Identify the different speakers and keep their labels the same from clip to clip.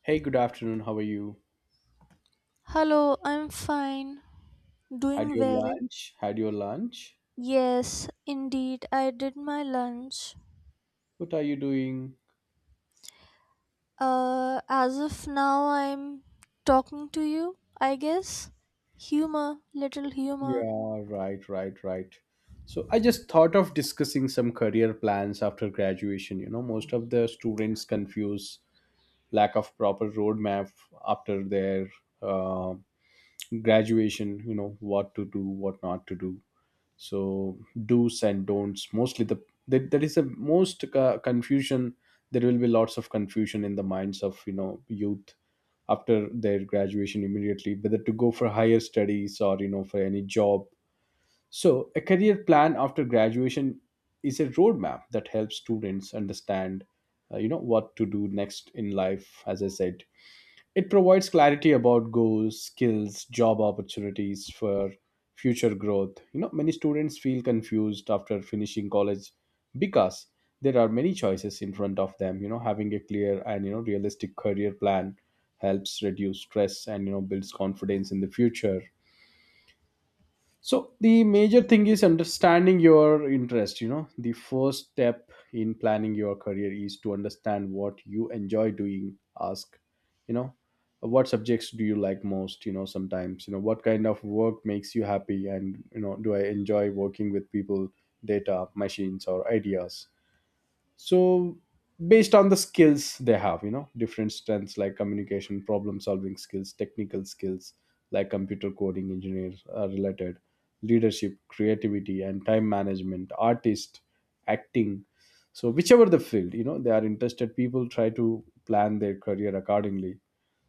Speaker 1: Hey, good afternoon. How are you?
Speaker 2: Hello, I'm fine.
Speaker 1: Had
Speaker 2: Doing
Speaker 1: your
Speaker 2: well.
Speaker 1: lunch? Had your lunch?
Speaker 2: Yes, indeed, I did my lunch.
Speaker 1: What are you doing?
Speaker 2: As of now, I'm talking to you, I guess. Humor, little humor.
Speaker 1: Yeah, right, right, right. So I just thought of discussing some career plans after graduation. You know, most of the students confuse lack of proper roadmap after their uh, graduation. You know, what to do, what not to do. So do's and don'ts. Mostly the that is the most confusion. There will be lots of confusion in the minds of, you know, youth after their graduation immediately, whether to go for higher studies or, you know, for any job. So a career plan after graduation is a roadmap that helps students understand, you know, what to do next in life. As I said, it provides clarity about goals, skills, job opportunities for future growth. You know, many students feel confused after finishing college because there are many choices in front of them. You know, having a clear and, you know, realistic career plan helps reduce stress and, you know, builds confidence in the future. So the major thing is understanding your interest. You know, the first step in planning your career is to understand what you enjoy doing. Ask, you know, what subjects do you like most? You know, sometimes, you know, what kind of work makes you happy, and, you know, do I enjoy working with people, data, machines, or ideas? So based on the skills they have, you know, different strengths like communication, problem solving skills, technical skills like computer coding engineers are related, leadership, creativity, and time management, artist, acting. So whichever the field, you know, they are interested, people try to plan their career accordingly.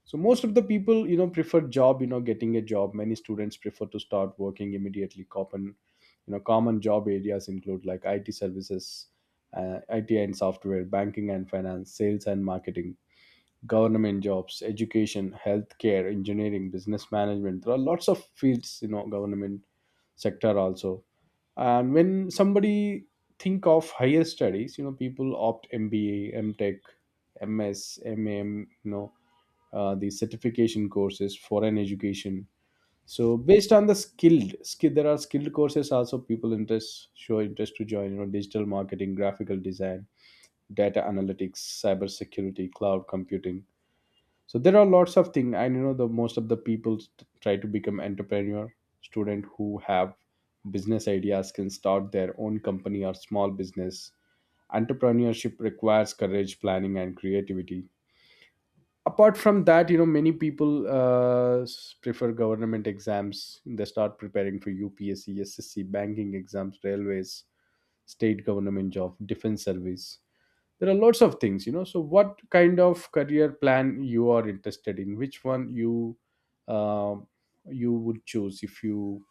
Speaker 1: So most of the people, you know, prefer job, you know, getting a job. Many students prefer to start working immediately. Common, you know, common job areas include like IT services, IT and software, banking and finance, sales and marketing, government jobs, education, healthcare, engineering, business management. There are lots of fields, you know, government sector also. And when somebody think of higher studies, you know, people opt MBA, Tech, MS, you know, the certification courses, foreign education. So based on the skill, there are skilled courses also people interest show interest to join. You know, digital marketing, graphical design, data analytics, cybersecurity, cloud computing. So there are lots of things, and, you know, the most of the people try to become entrepreneur. Student who have business ideas can start their own company or small business. Entrepreneurship requires courage, planning, and creativity. Apart from that, you know, many people prefer government exams. They start preparing for UPSC, SSC, banking exams, railways, state government job, defense service. There are lots of things, you know. So what kind of career plan you are interested in, which one you, uh, you would choose if you,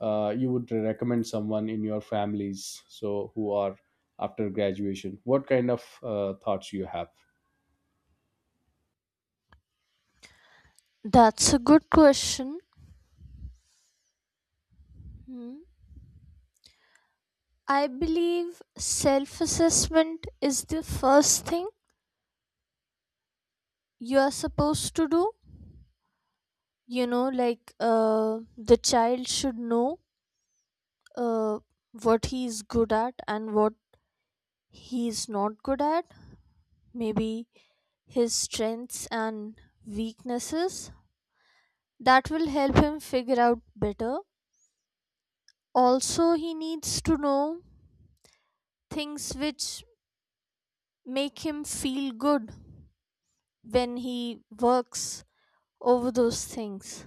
Speaker 1: you would recommend someone in your families, so who are after graduation, what kind of thoughts you have?
Speaker 2: That's a good question. Hmm. I believe self assessment is the first thing you are supposed to do. The child should know, uh, what he is good at and what he is not good at, maybe his strengths and weaknesses. That will help him figure out better. Also, he needs to know things which make him feel good when he works over those things.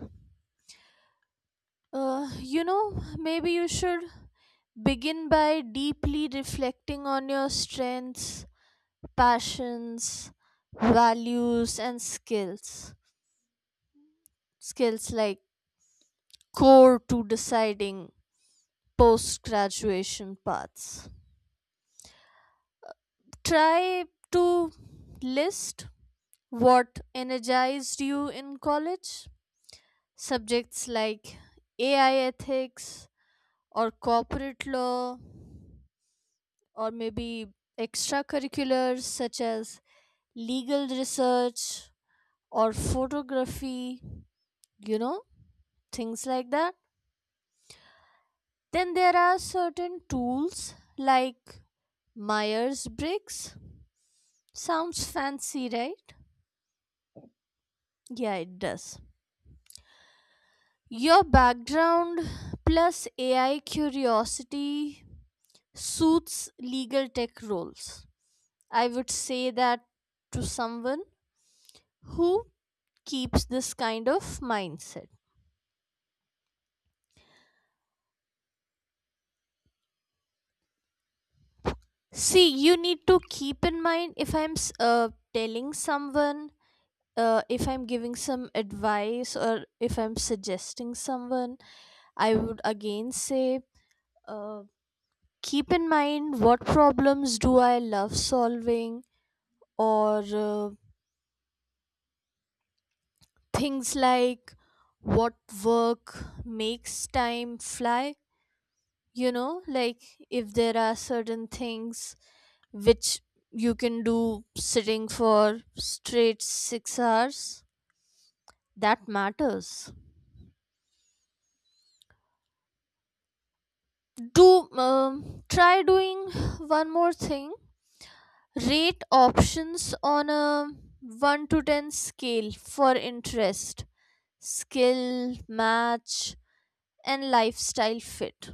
Speaker 2: uh, you know Maybe you should begin by deeply reflecting on your strengths, passions, values and skills. Skills like core to deciding post graduation paths. Try to list what energized you in college. Subjects like AI ethics or corporate law, or maybe extracurriculars such as legal research or photography, you know, things like that. Then there are certain tools like Myers Briggs. Sounds fancy, right? Yeah, it does. Your background plus AI curiosity suits legal tech roles. I would say that to someone who keeps this kind of mindset. See, you need to keep in mind, if I'm telling someone, if I'm giving some advice, or if I'm suggesting someone, I would again say, uh, keep in mind, what problems do I love solving, or things like what work makes time fly. You know, like if there are certain things which you can do sitting for straight 6 hours, that matters. Do Try doing one more thing. Rate options on a 1 to 10 scale for interest, skill match, and lifestyle fit.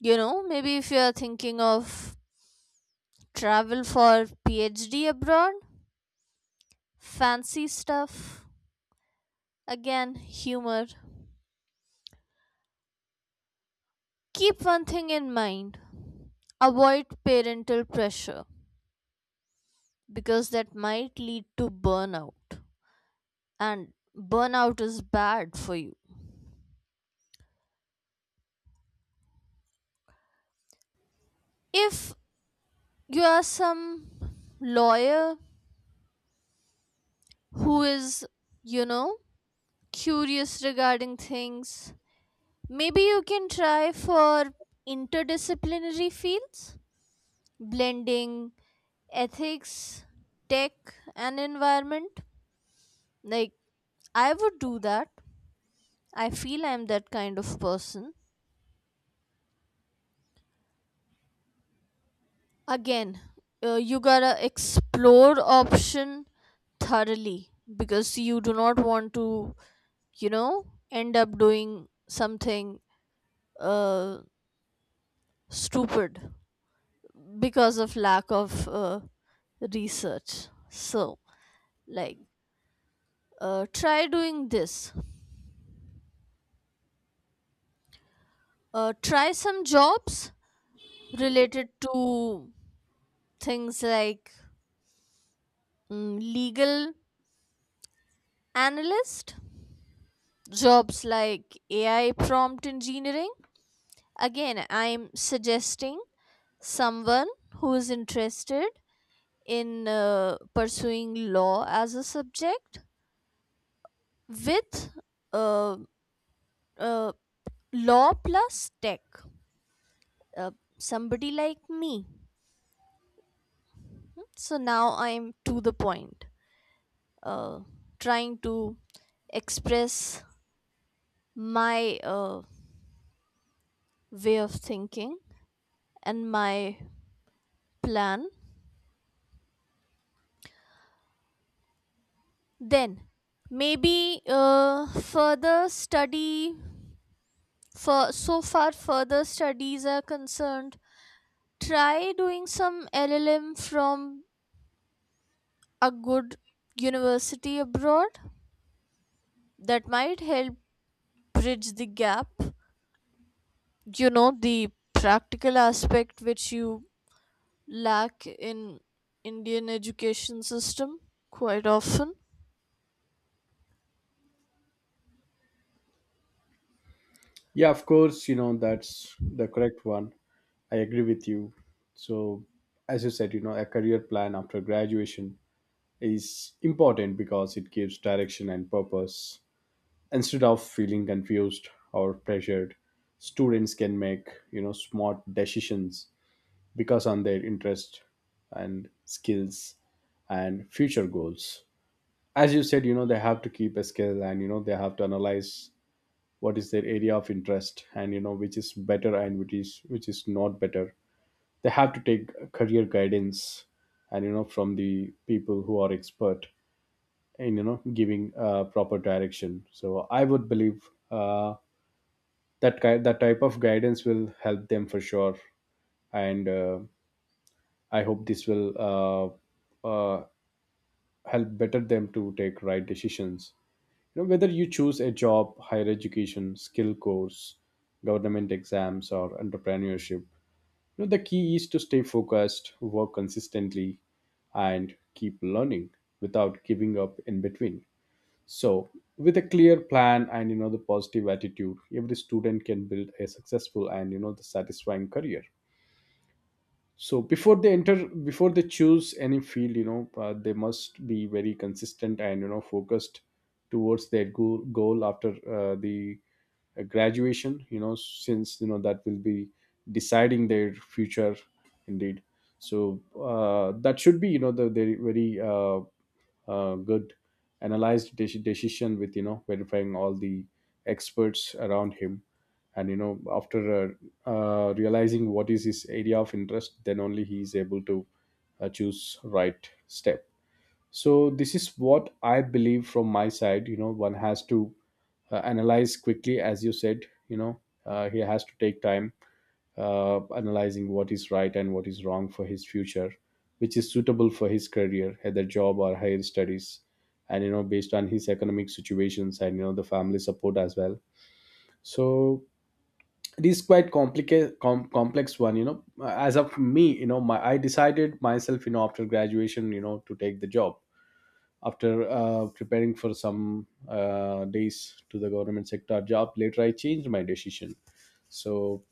Speaker 2: You know, maybe if you're thinking of travel for PhD abroad, fancy stuff, again, humor. Keep one thing in mind, avoid parental pressure, because that might lead to burnout, and burnout is bad for you. If you are some lawyer who is, you know, curious regarding things, maybe you can try for interdisciplinary fields, blending ethics, tech, and environment. Like, I would do that. I feel I'm that kind of person. Again, you gotta explore option thoroughly, because you do not want to, you know, end up doing something, uh, stupid, because of lack of research. So, like, try doing this. Try some jobs related to things like, legal analyst, jobs like AI prompt engineering. Again, I'm suggesting someone who is interested in pursuing law as a subject with uh, uh, law plus tech, uh, somebody like me. So now I'm to the point, uh, trying to express my way of thinking and my plan. Then maybe further study, for so far further studies are concerned, try doing some llm from a good university abroad. That might help bridge the gap, you know, the practical aspect which you lack in indian education system quite often.
Speaker 1: Yeah, of course, you know, that's the correct one. I agree with you. So, as you said, you know, a career plan after graduation is important because it gives direction and purpose. Instead of feeling confused or pressured, students can make, you know, smart decisions because on their interest and skills and future goals. As you said, you know, they have to keep a skill and, you know, they have to analyze what is their area of interest, and, you know, which is better and which is not better. They have to take career guidance and, you know, from the people who are expert in, you know, giving proper direction. So I would believe, that that type of guidance will help them for sure. And I hope this will help better them to take right decisions. You know, whether you choose a job, higher education, skill course, government exams, or entrepreneurship, you know, the key is to stay focused, work consistently, and keep learning without giving up in between. So with a clear plan and, you know, the positive attitude, every student can build a successful and, you know, the satisfying career. So before they enter, before they choose any field, you know, they must be very consistent and, you know, focused towards their goal after the graduation, you know, since, you know, that will be deciding their future indeed. So that should be, you know, the very good analyzed decision with, you know, verifying all the experts around him, and, you know, after realizing what is his area of interest, then only he is able to choose right step. So this is what I believe from my side. You know, one has to analyze quickly, as you said, you know, he has to take time analyzing what is right and what is wrong for his future, which is suitable for his career, either job or higher studies, and, you know, based on his economic situations and, you know, the family support as well. So it is quite complicated, complex one. You know, as of me, you know, my I decided myself, you know, after graduation, you know, to take the job after preparing for some days to the government sector job. Later I changed my decision. So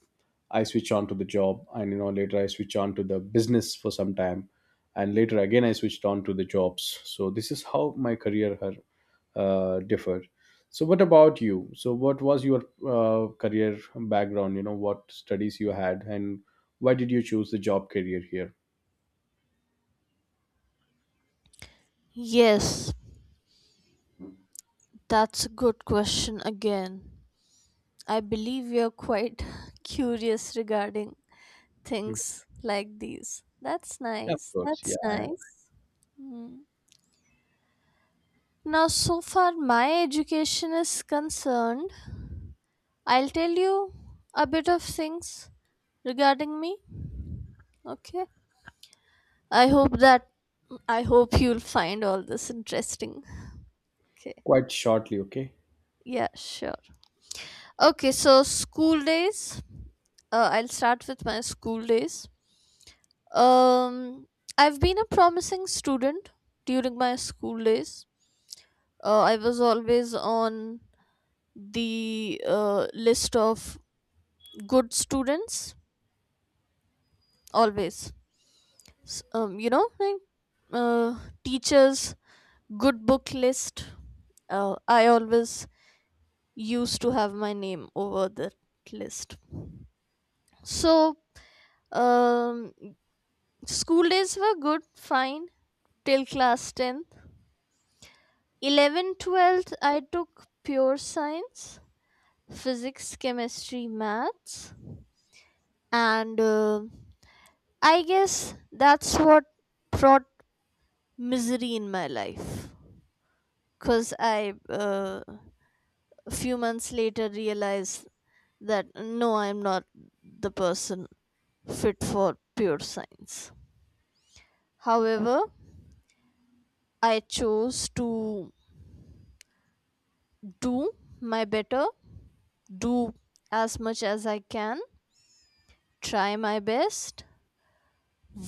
Speaker 1: I switch on to the job, and, you know, later I switch on to the business for some time, and later again I switched on to the jobs. So this is how my career had differed. So what about you? So what was your career background? You know, what studies you had, and why did you choose the job career here?
Speaker 2: Yes, that's a good question again. I believe you're quite curious regarding
Speaker 1: Mhm.
Speaker 2: things like these. That's
Speaker 1: Yeah, of
Speaker 2: nice,
Speaker 1: course.
Speaker 2: that's
Speaker 1: Yeah,
Speaker 2: nice. Hmm. Now so far my education is concerned, I'll tell you a bit of things regarding me. Okay, I hope that, I hope you'll find all this interesting. Okay.
Speaker 1: quite shortly. Okay.
Speaker 2: Yeah, sure. Okay, so school days. I'll start with my school days. Um, I've been a promising student during my school days. I was always on the list of good students, always. You know, like, teachers' good book list. I always used to have my name over the list. So, um, school days were good, fine, till class 10th. 11th, 12th, I took pure science, physics, chemistry, maths, and I guess that's what brought misery in my life. Because I, a few months later, realized that no, I'm not the person fit for pure science. However, I chose to do my better, do as much as I can, try my best,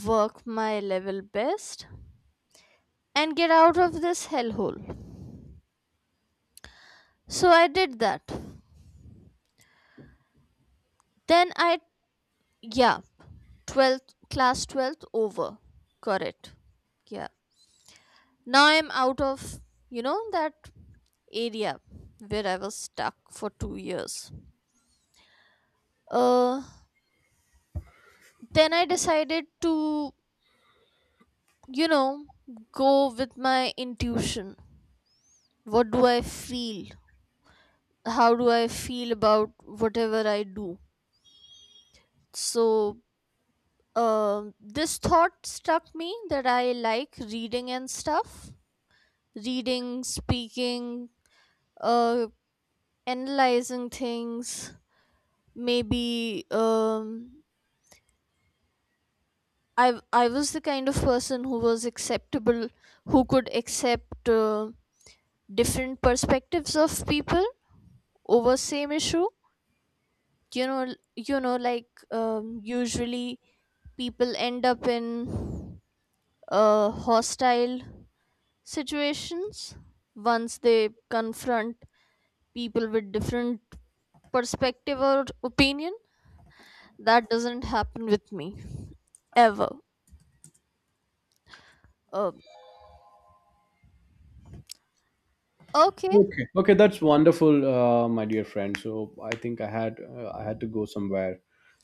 Speaker 2: work my level best, and get out of this hellhole. So I did that. Then I, yeah, 12th, class 12th over. Correct. Yeah. Now I'm out of, you know, that area where I was stuck for 2 years. Uh, then I decided to, you know, go with my intuition. What do I feel, how do I feel about whatever I do? So, this thought struck me that I like reading and stuff. Reading, speaking, uh analyzing things. Maybe, I was the kind of person who was acceptable, who could accept, different perspectives of people over same issue. You know you know like um, usually people end up in hostile situations once they confront people with different perspective or opinion. That doesn't happen with me, ever. uh, okay.
Speaker 1: Okay, okay, that's wonderful, my dear friend. So I think I had to go somewhere.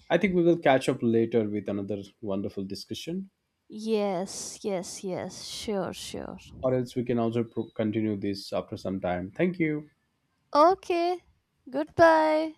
Speaker 1: I think we will catch up later with another wonderful discussion,
Speaker 2: Yes, yes, yes, sure, sure.
Speaker 1: or else we can also continue this after some time. Thank you.
Speaker 2: Okay, goodbye.